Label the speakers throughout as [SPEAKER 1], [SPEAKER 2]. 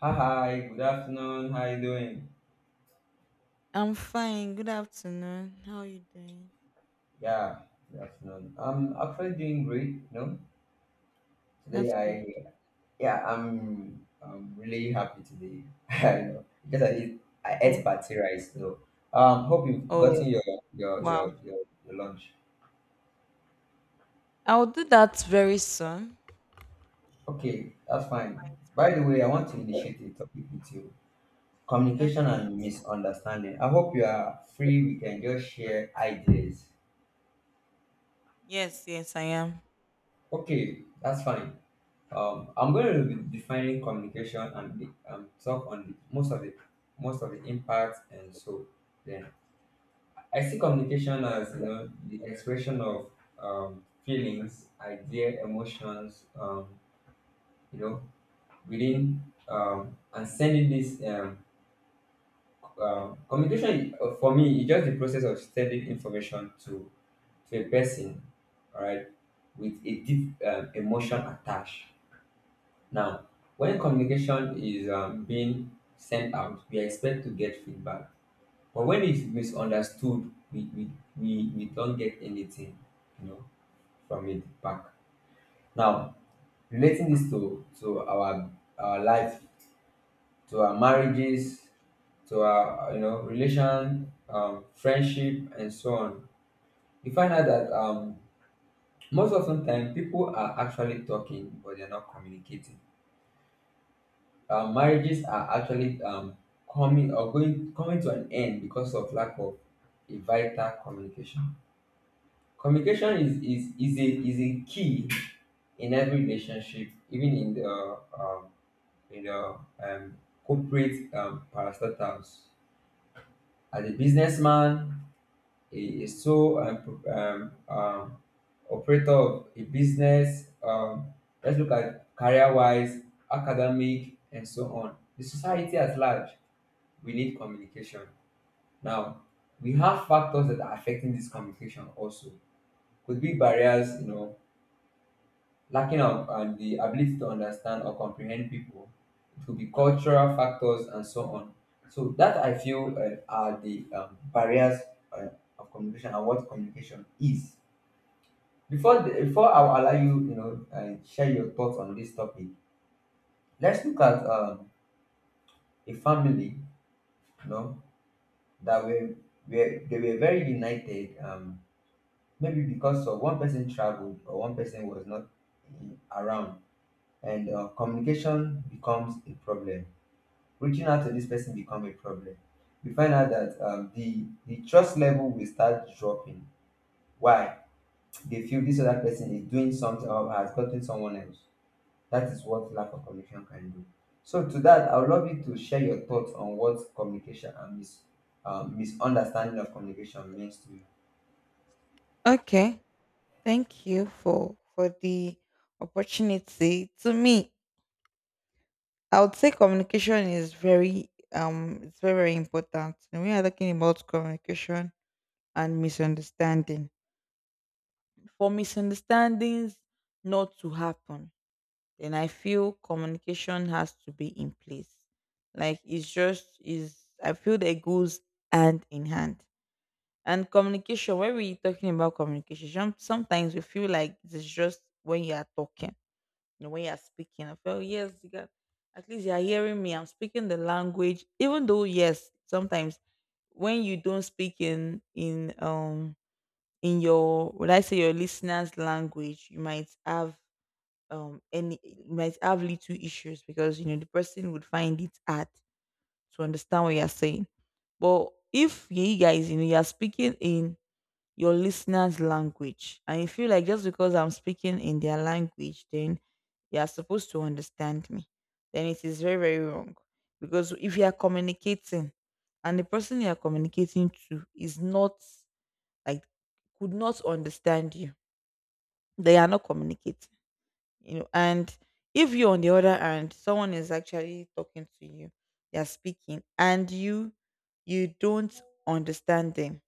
[SPEAKER 1] Hi, good afternoon. How you doing?
[SPEAKER 2] I'm fine. Good afternoon. How are you doing?
[SPEAKER 1] Yeah, good afternoon. I'm actually doing great. You know,
[SPEAKER 2] That's
[SPEAKER 1] today
[SPEAKER 2] good.
[SPEAKER 1] I Yeah, I'm really happy today. I know because I
[SPEAKER 2] Oh,
[SPEAKER 1] ate party rice though. Hope you've
[SPEAKER 2] oh,
[SPEAKER 1] gotten your your
[SPEAKER 2] wow.
[SPEAKER 1] your your, your lunch.
[SPEAKER 2] I'll do that very soon.
[SPEAKER 1] Okay, that's fine. By the way, I want to initiate a topic with you: communication
[SPEAKER 2] Okay.
[SPEAKER 1] and misunderstanding. I hope you are free. We can just share ideas.
[SPEAKER 2] Yes, yes, I am.
[SPEAKER 1] Okay, that's fine. I'm going to be defining communication and talk on the, most of the most of the impact and so then I see communication as the expression of feelings, idea, emotions, you know within and sending this communication. For me is just the process of sending information to a person, all right, with a deep emotion attached. Now, when communication is being sent out, we expect to get feedback. But when it's misunderstood, we don't get anything, you know, from it back. Now, relating this to our life, to our marriages, to our you know relation, friendship, and so on, you find out that most of the time people are actually talking but they're not communicating. Marriages are actually coming or going coming to an end because of lack of a vital communication. Communication is a key in every relationship, even in the corporate parastatals. As a businessman, a sole operator of a business. Let's look at career-wise, academic, and so on. The society at large we need communication. Now, we have factors that are affecting this communication also. Could be barriers, you know, lacking of and the ability to understand or comprehend people. It could be cultural factors and so on. So that I feel are the barriers uh, of communication and what communication is. Before I will allow you, you know, share your thoughts on this topic. Let's look at a family, you know, that were very united. Maybe because of one person traveled or one person was not around, and communication becomes a problem, reaching out to this person become a problem. We find out that the trust level will start dropping. Why? They feel this other person is doing something or has gotten someone else. That is what lack of communication can do. So to that, I would love you to share your thoughts on what communication and misunderstanding of communication means to you.
[SPEAKER 2] Okay. Thank you for the opportunity. To me, I would say communication is very, it's very, very important. And we are talking about communication and misunderstanding. For misunderstandings not to happen, then I feel communication has to be in place. Like it's just is, I feel that it goes hand in hand. And communication, when we're talking about communication, sometimes we feel like it's just when you are talking, you know, when you are speaking. I feel yes, you got, at least you are hearing me. I'm speaking the language, even though yes, sometimes when you don't speak in in your, would I say, your listener's language, you might have and it might have little issues because you know the person would find it hard to understand what you're saying. But if you guys, you know, you're speaking in your listener's language and you feel like just because I'm speaking in their language then you're supposed to understand me, then it is very, very wrong. Because if you are communicating and the person you are communicating to is not, like, could not understand you, they are not communicating, you know. And if you're, on the other hand, someone is actually talking to you, they're speaking and you don't understand them,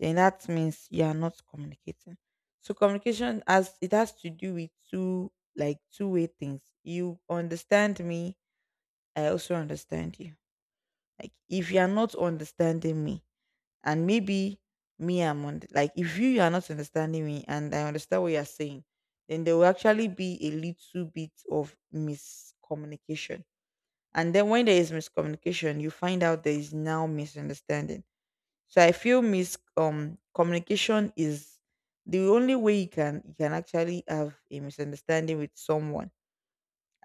[SPEAKER 2] then that means you are not communicating. So communication has, it has to do with two, like two-way things. You understand me, I also understand you. Like if you are not understanding me and maybe me I'm on, like if you are not understanding me and I understand what you're saying, then there will actually be a little bit of miscommunication. And then when there is miscommunication you find out there is now misunderstanding. So I feel mis communication is the only way you can, you can actually have a misunderstanding with someone,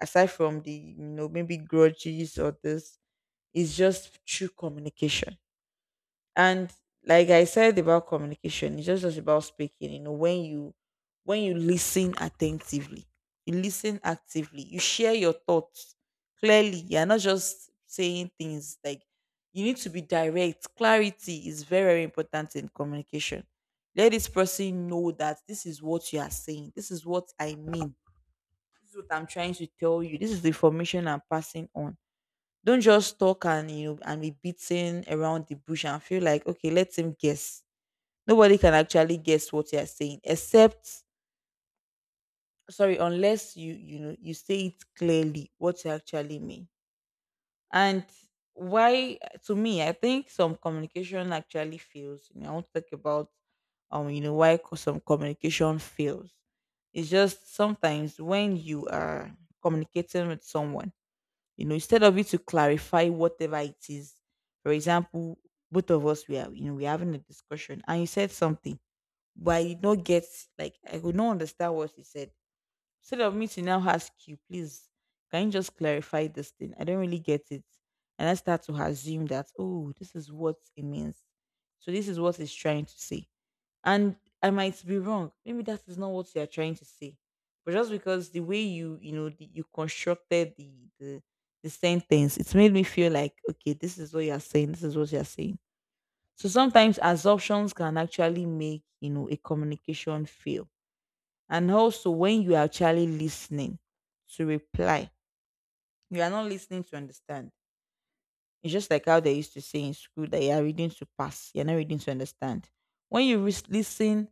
[SPEAKER 2] aside from the, you know, maybe grudges or this, is just through communication. And like I said about communication, it's just about speaking. You know, when you, when you listen attentively, you listen actively, you share your thoughts clearly. You're not just saying things, like you need to be direct. Clarity is very, very important in communication. Let this person know that this is what you are saying. This is what I mean. This is what I'm trying to tell you. This is the information I'm passing on. Don't just talk and, you know, and be beating around the bush and feel like okay, let him guess. Nobody can actually guess what you're saying, except sorry, unless you, you know, you say it clearly what you actually mean. And why, to me, I think some communication actually fails. You know, I want to talk about you know, why some communication fails. It's just sometimes when you are communicating with someone, you know, instead of you to clarify whatever it is. For example, both of us, we are, you know, we're having a discussion and you said something, but I did not get, like I could not understand what you said. Instead of me to now ask you, please, can you just clarify this thing, I don't really get it, and I start to assume that, oh, this is what it means, so this is what it's trying to say. And I might be wrong. Maybe that is not what you are trying to say. But just because the way you, you know, you constructed the the sentence, it's made me feel like okay, this is what you are saying. This is what you are saying. So sometimes assumptions can actually make, you know, a communication fail. And also when you are actually listening to reply, you are not listening to understand. It's just like how they used to say in school, that you are reading to pass, you're not reading to understand. When you listen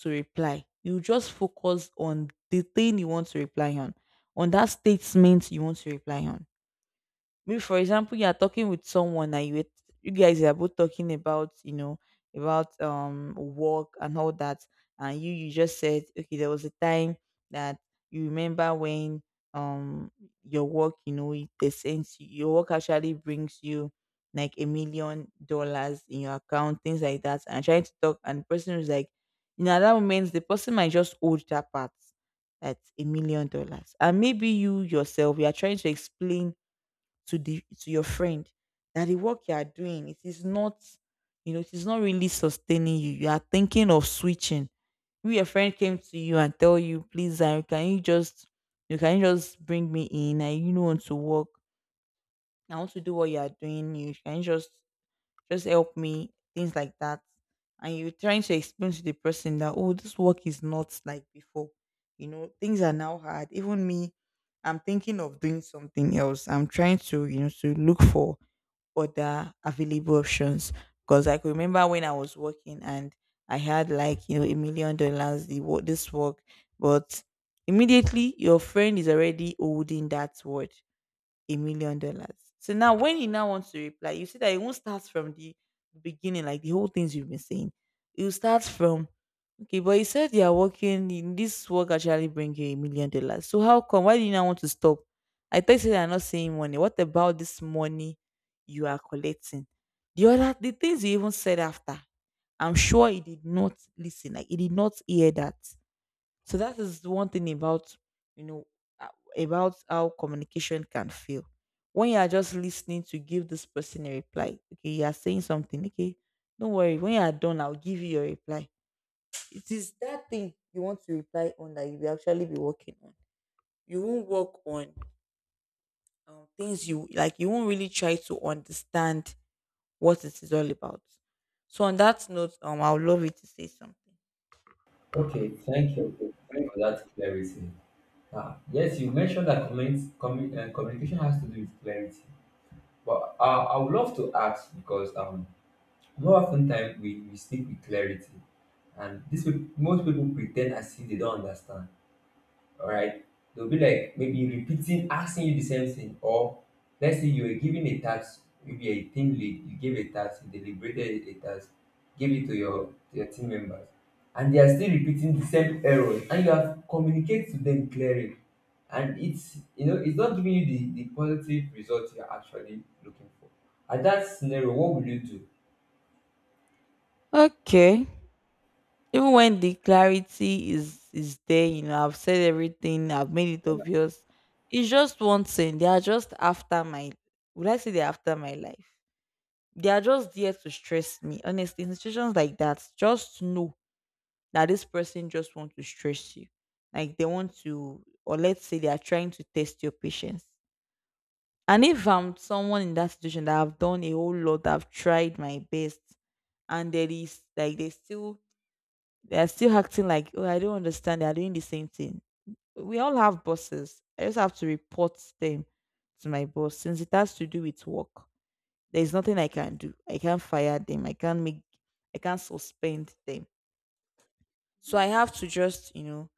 [SPEAKER 2] to reply, you just focus on the thing you want to reply on that statement you want to reply on. Maybe for example, you are talking with someone and you guys are both talking about, you know, about work and all that. And you just said okay, there was a time that you remember when um your work, you know, they sense your work actually brings you like $1 million in your account, things like that, and trying to talk. And the person is like, you know, at that moment the person might just hold that part, that's $1 million. And maybe you yourself, you are trying to explain to the, to your friend that the work you are doing, it is not, you know, it is not really sustaining you, you are thinking of switching. If your friend came to you and tell you, please I, can you just, you can you just bring me in, I, you know, want to work, I want to do what you are doing, you can you just help me, things like that. And you're trying to explain to the person that, oh, this work is not like before, you know, things are now hard, even me, I'm thinking of doing something else, I'm trying to, you know, to look for other available options. Because I could remember when I was working and I had like, you know, $1 million the what this work, but immediately your friend is already holding that word, $1 million. So now when he now wants to reply, you see that it won't start from the beginning, like the whole things you've been saying. It will start from, okay, but you said you are working in this work actually bring you $1 million. So how come? Why do you now want to stop? I thought you said you're not seeing money. What about this money you are collecting? The other, the things you even said after, I'm sure he did not listen. Like he did not hear that. So that is the one thing about, you know, uh, about how communication can fail. When you are just listening to give this person a reply, okay, you are saying something, okay, don't worry, when you are done, I'll give you your reply. It is that thing you want to reply on that you will actually be working on. You won't work on things you like. You won't really try to understand what it is all about. So on that note, I would love you to say something.
[SPEAKER 1] Okay, thank you for that clarity. Ah, yes, you mentioned that communication has to do with clarity. But I would love to ask because more often time we speak with clarity, and most people pretend as if they don't understand, all right. They'll be like maybe repeating, asking you the same thing. Or let's say you were given a task, maybe a team lead, you gave a task, you deliberated a task, gave it to your team members, and they are still repeating the same errors and you have communicated to them clearly, and it's, you know, it's not giving you the positive result you're actually looking for. At that scenario, what will you do?
[SPEAKER 2] Okay. Even when the clarity is there, you know, I've said everything, I've made it obvious. It's just one thing. They are just after my, would I say they're after my life. They are just there to stress me. Honestly, in situations like that, just know that this person just want to stress you. Like they want to, or let's say they are trying to test your patience. And if I'm someone in that situation that I've done a whole lot, I've tried my best, and there is like they still, they are still acting like, oh, I don't understand. They are doing the same thing. We all have bosses. I just have to report them to my boss since it has to do with work. There's nothing I can do. I can't fire them. I can't make, I can't suspend them. So I have to just, you know,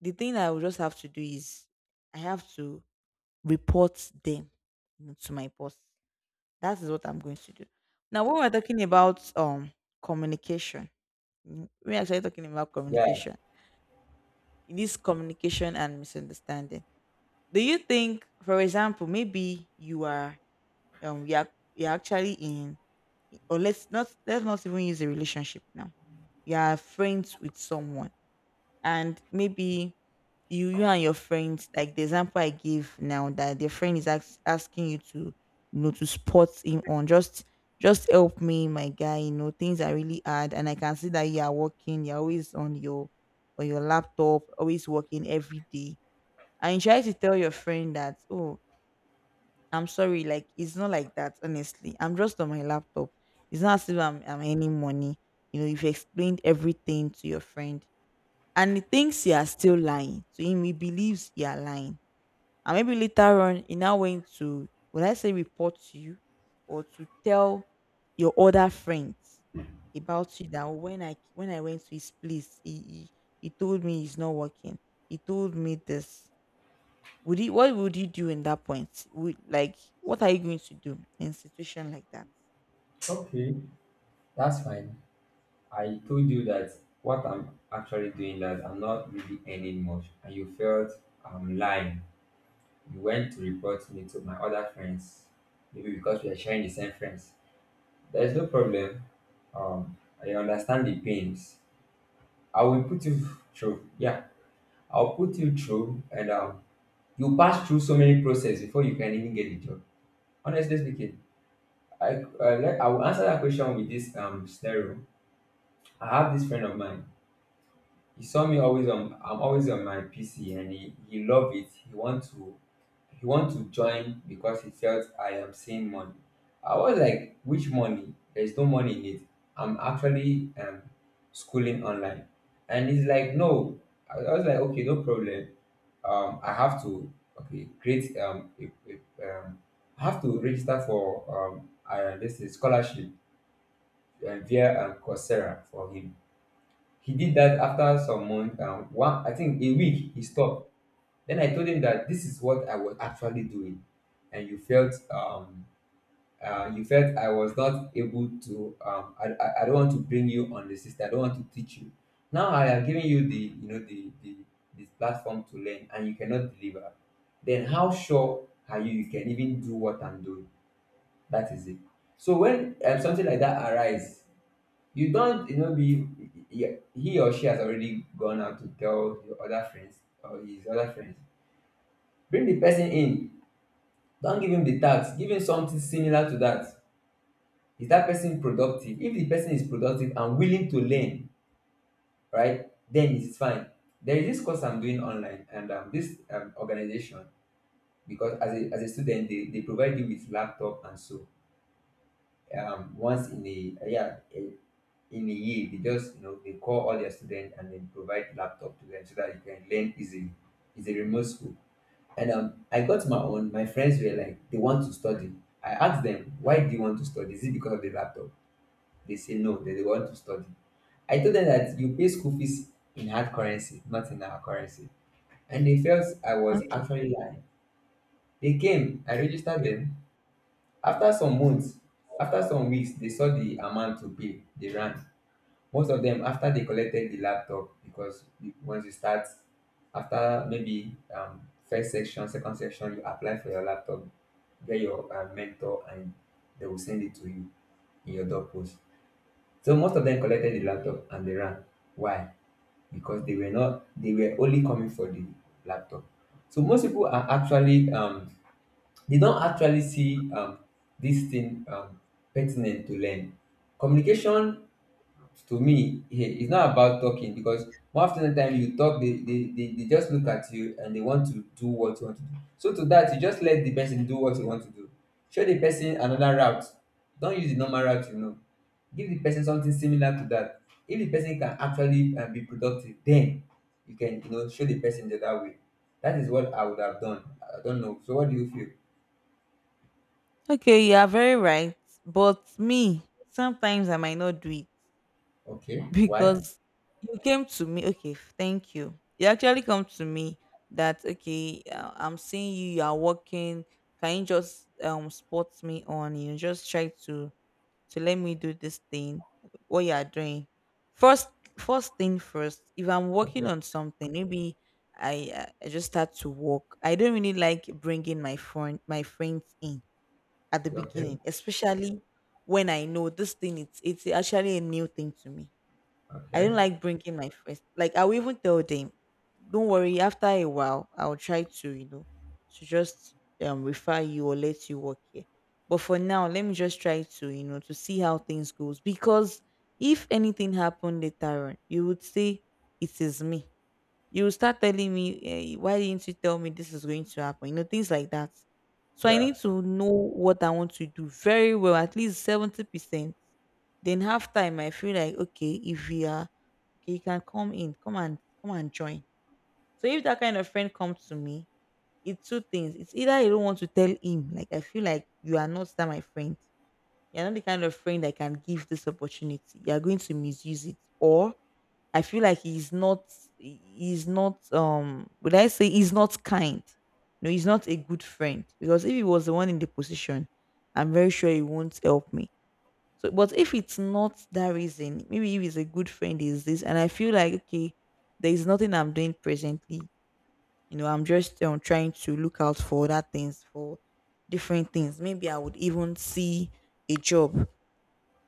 [SPEAKER 2] the thing I will just have to do is I have to report them, you know, to my boss. That is what I'm going to do. Now, when we're talking about communication, mm, we're actually talking about
[SPEAKER 1] Yeah.
[SPEAKER 2] communication. It is communication and misunderstanding. Do you think, for example, maybe you are you are, you're actually in, or let's not, let's not even use a relationship now. You are friends with someone and maybe you, you and your friends, like the example I give now, that your friend is asking you to, you know, to support him on just help me my guy, you know, things are really hard and I can see that you are working, you're always on your laptop, always working every day. And you try to tell your friend that, oh, I'm sorry, like it's not like that, honestly I'm just on my laptop, it's not as if I'm earning money, you know, you've explained everything to your friend and he thinks you are still lying. To him, he believes you are lying. And maybe later on, he now went to, will I say report to you, or to tell your other friends about you that, "Oh, when I, when I went to his place, he told me it's not working. He told me this. Would he, what would you do in that point? Would like what are you going to do in a situation like that?
[SPEAKER 1] Okay, that's fine. I told you that what I'm actually doing, that I'm not really earning much, and you felt I'm lying. You went to report me to my other friends, maybe because we are sharing the same friends. There is no problem. Um, I understand the pains. I will put you through. Yeah, I'll put you through, and you pass through so many process before you can even get the job. Honestly speaking, I like, I will answer that question with this scenario. I have this friend of mine. He saw me always on I'm always on my PC and he loved it. He want to join because he felt I am seeing money. I was like, which money? There's no money in it. I'm actually schooling online. And he's like, no. I was like, okay, no problem. I have to okay Create a, I have to register for this is scholarship via Coursera for him. He did that after some month one I think a week he stopped. Then I told him that this is what I was actually doing, and you felt I was not able to I don't want to bring you on the system, I don't want to teach you. Now I have given you the, you know, the this platform to learn and you cannot deliver, then how sure are you you can even do what I'm doing? That is it. So when something like that arise, you don't, you know, be he he or she has already gone out to tell your other friends or his other friends. Bring the person in. Don't give him the tax. Give him something similar to that. Is that person productive? If the person is productive and willing to learn, right, then it's fine. There is this course I'm doing online, and this organization, because as a student, they provide you with laptop and so once in a yeah in a year, they just, you know, they call all their students and then provide laptop to them so that you can learn easily. It's a remote school. And I got my own. My friends were like they want to study. I asked them, why do you want to study? Is it because of the laptop? They say no, that they want to study. I told them that you pay school fees in hard currency, not in our currency, and they felt I was
[SPEAKER 2] Okay.
[SPEAKER 1] actually lying. They came, I registered them. After some months, after some weeks, they saw the amount to pay, they ran. Most of them, after they collected the laptop, because once you start, after maybe first section, second section, you apply for your laptop, get your mentor, and they will send it to you in your door post. So most of them collected the laptop and they ran. Why? Because they were not, they were only coming for the laptop. So most people are actually they don't actually see this thing pertinent to learn communication. To me, yeah, it's not about talking, because more often than time you talk, they just look at you and they want to do what you want to do. So to that, you just let the person do what you want to do. Show the person another route. Don't use the normal route, you know. Give the person something similar to that. If the person can actually be productive, then you can, you know, show the person the other way. That is what I would have done. I don't know, so what do you feel?
[SPEAKER 2] Okay, you are very right. But me, sometimes I might not do it.
[SPEAKER 1] Okay, why?
[SPEAKER 2] Because you came to me, okay, thank you, you actually come to me that, okay, I'm seeing you, you are working. Can you just spot me on, you know, just try to let me do this thing, what you are doing. first First thing first, if I'm working
[SPEAKER 1] Okay.
[SPEAKER 2] on something, maybe I I just start to work, I don't really like bringing my friends in at the
[SPEAKER 1] Okay.
[SPEAKER 2] beginning, especially when I know this thing, it's actually a new thing to me. I
[SPEAKER 1] Okay.
[SPEAKER 2] don't like bringing my friends. Like I will even tell them, don't worry. After a while, I'll try to, you know, to just refer you or let you work here. But for now, let me just try to, you know, to see how things goes. Because if anything happened later on, you would say it is me. You will start telling me, eh, why didn't you tell me this is going to happen? You know, things like that. So I need
[SPEAKER 1] Yeah.
[SPEAKER 2] to know what I want to do very well, at least 70%. Then half time, I feel like, okay, if we are okay, you can come in, come and join. So if that kind of friend comes to me, it's two things. It's either I don't want to tell him, like I feel like you are not that my friend. You're not the kind of friend I can give this opportunity. You're going to misuse it. Or I feel like he's not, he's not, would I say he's not kind. No, he's not a good friend. Because if he was the one in the position, I'm very sure he won't help me. So, but if it's not that reason, maybe if it's a good friend, is this, and I feel like, okay, there is nothing I'm doing presently. You know, I'm just trying to look out for other things, for different things. Maybe I would even see a job,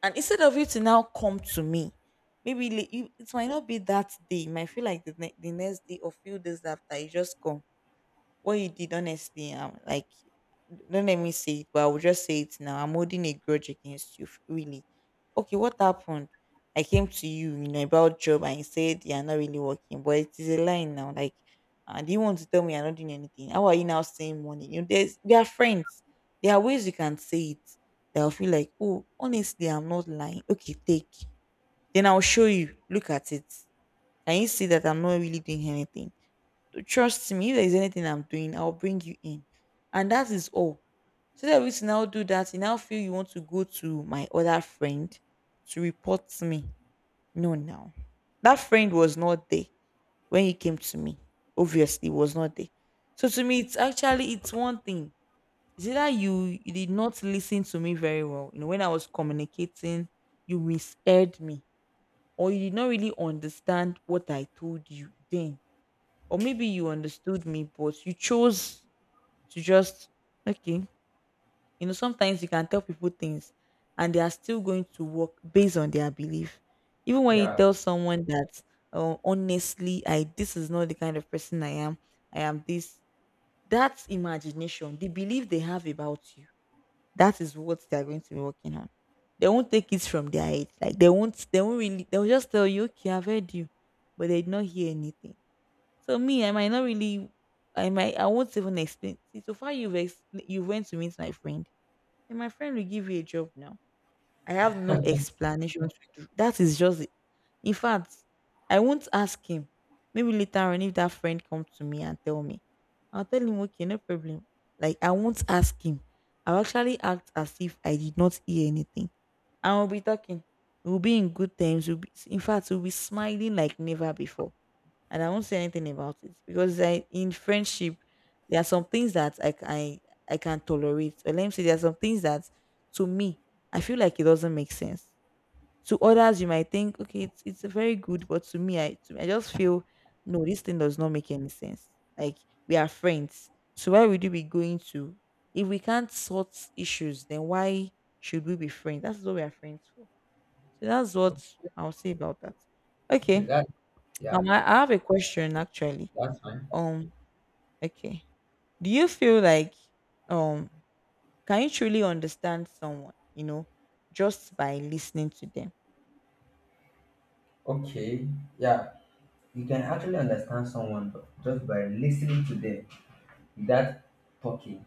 [SPEAKER 2] and instead of you to now come to me, maybe it might not be that day. It might feel like the next day or few days after you just come. What you did, honestly, I'm like, don't let me say it, but I will just say it now, I'm holding a grudge against you, really. Okay, what happened? I came to you, you know, about job and you said you're not really working, but it is a lie now. Like, do you want to tell me you're not doing anything? How are you now saying money? You know, there's we are friends. There are ways you can say it that will feel like, oh, honestly, I'm not lying. Okay, take, then I'll show you, look at it. Can you see that I'm not really doing anything? Trust me, if there's anything I'm doing, I'll bring you in. And that is all. So that we now do that, you now feel you want to go to my other friend to report me. No, now. That friend was not there when you came to me. Obviously, was not there. So to me, it's actually, it's one thing. Is either you, you did not listen to me very well. You know, when I was communicating, you misheard me, or you did not really understand what I told you then, or maybe you understood me, but you chose to just, okay. You know, sometimes you can tell people things and they are still going to work based on their belief. Even when you
[SPEAKER 1] Yeah.
[SPEAKER 2] tell someone that, oh, honestly, I, this is not the kind of person I am. I am this. That's imagination. The belief they have about you. That is what they are going to be working on. They won't take it from their head. Like they won't really, they'll just tell you, okay, I've heard you, but they did not hear anything. So me, I might not really, I might, I won't even explain. See, so far you've explained, you went to meet my friend, and my friend will give you a job now. I have no explanation to do. That is just, it. In fact, I won't ask him. Maybe later on, if that friend comes to me and tell me, I'll tell him, okay, no problem. Like I won't ask him. I'll actually act as if I did not hear anything. I will be talking. We'll be in good terms. We'll be, in fact, we'll be smiling like never before, and I won't say anything about it. Because I, in friendship, there are some things that I can tolerate. Or let me say there are some things that, to me, I feel like it doesn't make sense. To others you might think, okay, it's very good, but to me, I just feel, no, this thing does not make any sense. Like, we are friends, so why would you be going to, if we can't sort issues, then why should we be friends? That's what we are friends for. So that's what I'll say about that.
[SPEAKER 1] Okay.
[SPEAKER 2] Okay.
[SPEAKER 1] Yeah
[SPEAKER 2] I have a question actually.
[SPEAKER 1] That's fine.
[SPEAKER 2] Um, okay. Do you feel like, um can you truly understand someone, you know, just by listening to them?
[SPEAKER 1] Okay. Yeah. You can actually understand someone just by listening to them without talking.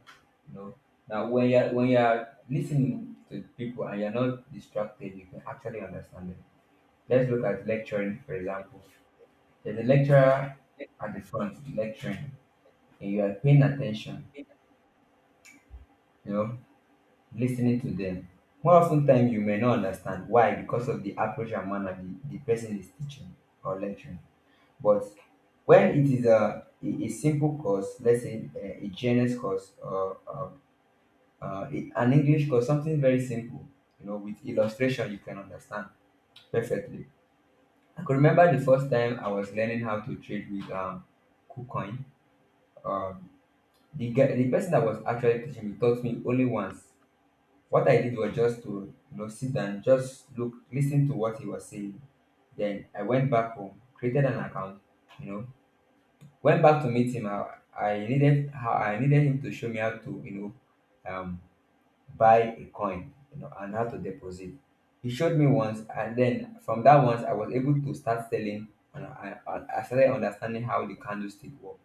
[SPEAKER 1] You know. Now when you're listening to people and you're not distracted, you can actually understand them. Let's look at lecturing, for example. There's a lecturer at the front lecturing and you are paying attention, you know, listening to them. More often time you may not understand why, because of the approach and manner the person is teaching or lecturing. But when it is a simple course, let's say a GNS course or an English course, something very simple, you know, with illustration, you can understand perfectly. I could remember the first time I was learning how to trade with KuCoin. Um, the guy, the person that was actually teaching me taught me only once. What I did was just to, you know, sit down, just look, listen to what he was saying. Then I went back home, created an account, you know. Went back to meet him. I needed, how I needed him to show me how to, you know, um, buy a coin, you know, and how to deposit. He showed me once, and then from that once, I was able to start selling, and I started understanding how the candlestick work.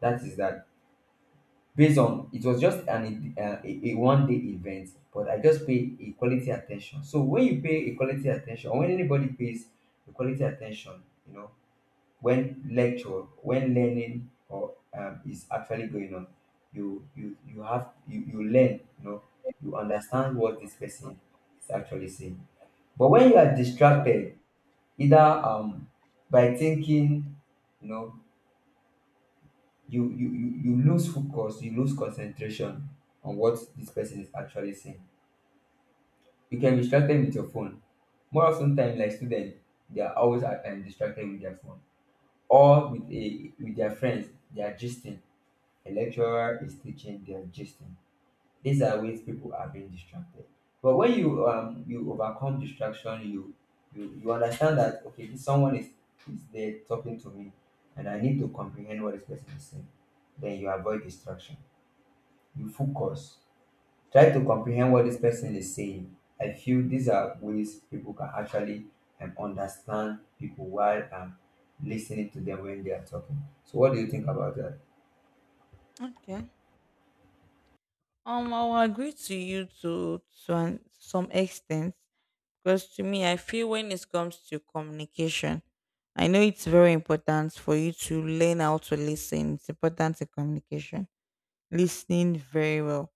[SPEAKER 1] That is that. Based on it was just an a one day event, but I just pay a quality attention. So when you pay a quality attention, or when anybody pays a quality attention, when lecture when learning or is actually going on, you learn, you understand what this person is actually saying. But when you are distracted, either by thinking, you know you lose focus, you lose concentration on what this person is actually saying. You can be distracted with your phone. More often time, like students, they are always distracted with their phone or with a with their friends. They are gisting. A lecturer is teaching, they are gisting. These are ways people are being distracted. But when you overcome distraction, you understand that, okay, this someone is there talking to me, and I need to comprehend what this person is saying. Then you avoid distraction. You focus. Try to comprehend what this person is saying. I feel these are ways people can actually understand people while listening to them when they are talking. So, what do you think about that?
[SPEAKER 2] Okay. I will agree to you to some extent. Because to me, I feel when it comes to communication, I know it's very important for you to learn how to listen. It's important in communication, listening very well.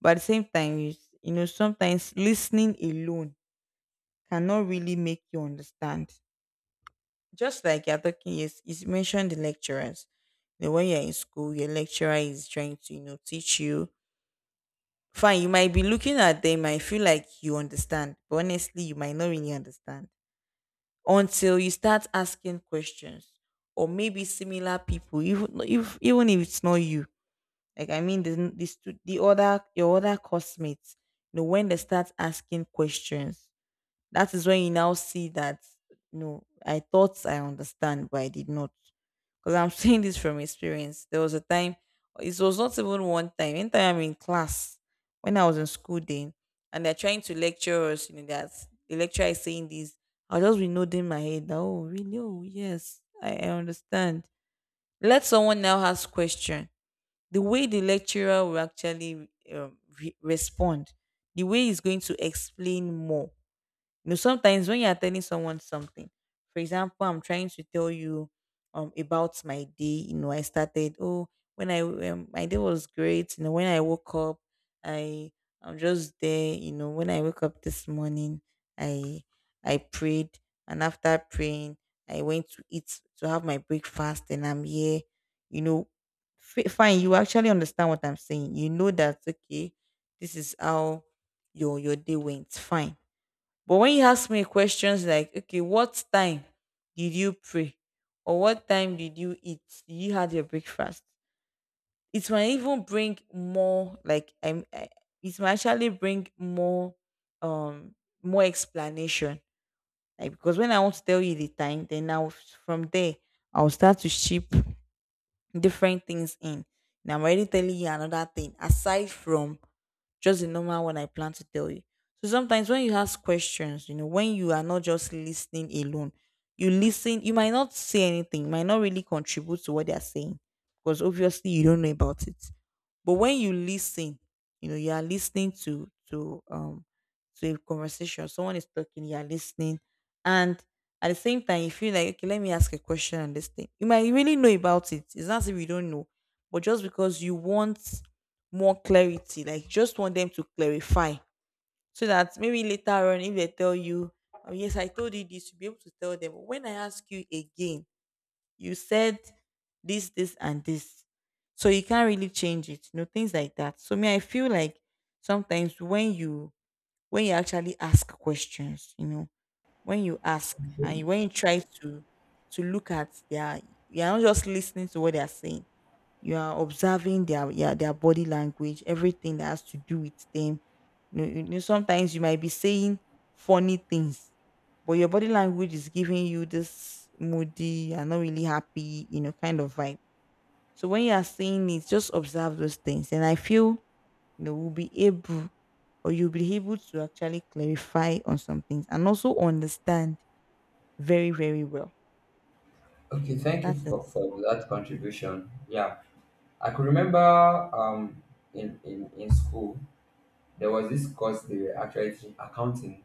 [SPEAKER 2] But at the same time, you, you know, sometimes listening alone cannot really make you understand. Just like you're talking, yes, you mentioned the lecturers. You know, when you're in school, your lecturer is trying to, you know, teach you. Fine, you might be looking at them and feel like you understand, but honestly, you might not really understand until you start asking questions, or maybe similar people, even if it's not you, like I mean the other, your other classmates, you know, when they start asking questions, that is when you now see that, no, I thought I understand, but I did not. Because I'm saying this from experience. There was a time, it was not even one time. Anytime I'm in class, when I was in school then, and they're trying to lecture us, you know, that the lecturer is saying this, I'll just be nodding my head. That, oh, really? Oh, yes, I understand. Let someone now ask question. The way the lecturer will actually respond, the way he's going to explain more. You know, sometimes when you're telling someone something, for example, I'm trying to tell you about my day. You know, I started, oh, when I, my day was great, you know, when I woke up, I, I'm just there, you know, when I woke up this morning, I I prayed, and after praying, I went to eat to have my breakfast and I'm here, you know. Fine, you actually understand what I'm saying. You know that, okay, this is how your day went. Fine, but when you ask me questions like, okay, what time did you pray? Or what time did you eat? Did you had your breakfast? It might even bring more, like it might actually bring more um more explanation. Like, because when I want to tell you the time, then now from there I'll start to ship different things in. And I'm already telling you another thing aside from just the normal one I plan to tell you. So sometimes when you ask questions, you know, when you are not just listening alone, you listen, you might not say anything, might not really contribute to what they are saying because obviously you don't know about it. But when you listen, you know, you are listening to to a conversation. Someone is talking, you are listening, and at the same time, you feel like, okay, let me ask a question on this thing. You might really know about it. It's not as if you don't know, but just because you want more clarity, like you just want them to clarify, so that maybe later on, if they tell you, oh, yes, I told you this, you'll be able to tell them. When I ask you again, you said this, this, and this. So you can't really change it. You know, things like that. So me, I feel like sometimes when you, when you actually ask questions, you know, when you ask and when you try to look at their, you're not just listening to what they're saying, you are observing their, yeah, their body language, everything that has to do with them. You know, sometimes you might be saying funny things, but your body language is giving you this moody, you're not really happy, you know, kind of vibe. So when you are saying it, just observe those things. And I feel, you know, we'll be able or you'll be able to actually clarify on some things and also understand very, very well. So
[SPEAKER 1] Okay,
[SPEAKER 2] yes,
[SPEAKER 1] thank you
[SPEAKER 2] that is,
[SPEAKER 1] for that contribution. Yeah, I could remember, um, in school, there was this course they were actually teaching accounting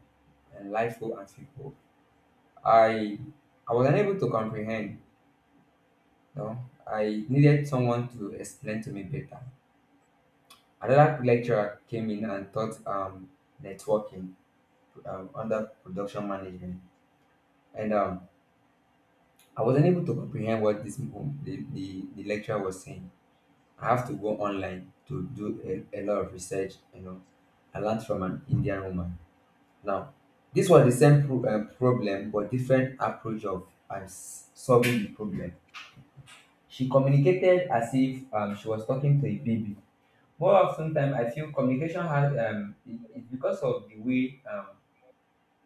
[SPEAKER 1] and life goal and people. I I was unable to comprehend. No, I needed someone to explain to me better. Another lecturer came in and taught networking under production management, and I was not able to comprehend what the lecturer was saying. I have to go online to do a lot of research. You know, I learned from an Indian woman. Now, this was the same problem, but different approach of solving the problem. She communicated as if she was talking to a baby. More often time, I feel communication has it, it because of the way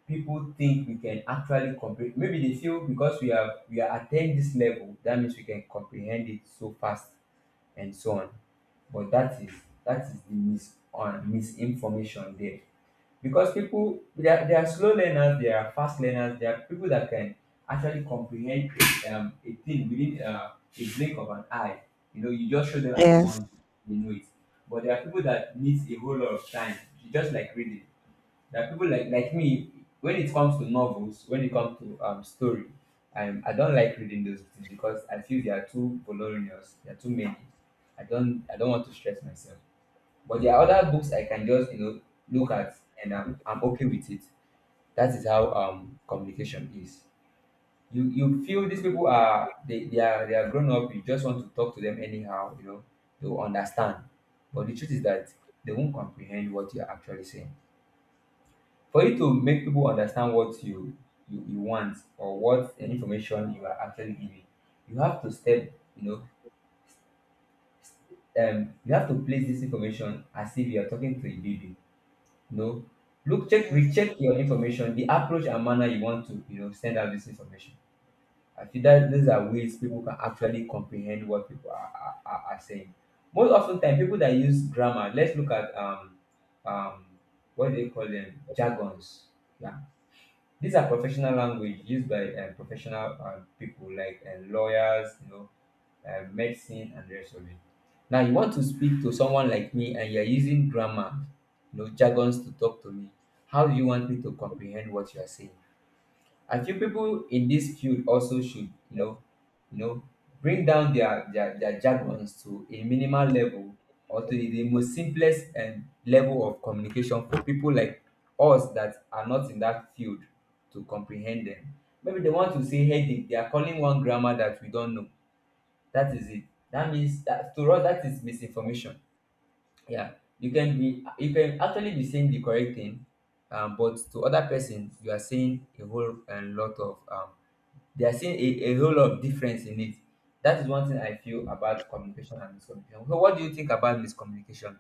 [SPEAKER 1] people think we can actually comprehend. Maybe they feel because we are attained this level, that means we can comprehend it so fast and so on. But that is the mis- on misinformation there. Because people, they are slow learners, they are fast learners, they are people that can actually comprehend a thing within a blink of an eye. You know, you just show them at
[SPEAKER 2] yes.
[SPEAKER 1] once, they know it. But there are people that needs a whole lot of time, just like reading. There are people like me. When it comes to novels, when it comes to story, I don't like reading those things because I feel they are too voluminous. They are too many. I don't want to stress myself. But there are other books I can just, you know, look at, and I'm okay with it. That is how communication is. You feel these people are they are grown up. You just want to talk to them anyhow. You know they will understand. But the truth is that they won't comprehend what you're actually saying. For you to make people understand what you want, or what the information you are actually giving, you have to step, you know, you have to place this information as if you are talking to a baby, you know, look, check,
[SPEAKER 2] Yes.
[SPEAKER 1] recheck your information, the approach and manner you want to, you know, send out this information. I feel that these are ways people can actually comprehend what people are saying. Most often time, people that use grammar, let's look at um what do they call them, jargons. Yeah. These are professional language used by professional people like lawyers, you know, medicine, and the rest of it. Now you want to speak to someone like me, and you're using grammar, you know, jargons to talk to me. How do you want me to comprehend what you are saying? I feel people in this field also should, you know, you know, bring down their jargons to a minimal level, or to the most simplest and level of communication for people like us that are not in that field to comprehend them. Maybe they want to say headache, they are calling one grammar that we don't know. That is it. That means that to us, that is misinformation. Yeah. You can actually be saying the correct thing, but to other person, you are saying a whole and lot of they are seeing a whole lot of difference in it. That is one thing I feel about communication and miscommunication. So what do you think about miscommunication?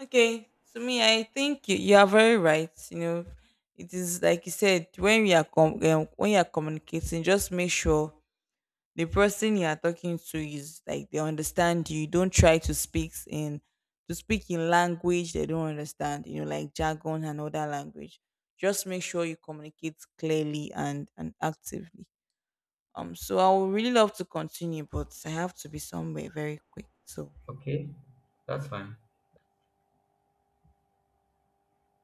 [SPEAKER 2] Okay, to me, I think you, you are very right. You know, it is like you said, when we are when you are communicating, just make sure the person you are talking to is like they understand you. Don't try to speak in language they don't understand. You know, like jargon and other language. Just make sure you communicate clearly and actively. So I would really love to continue, but I have to be somewhere very quick. So
[SPEAKER 1] Okay, that's fine.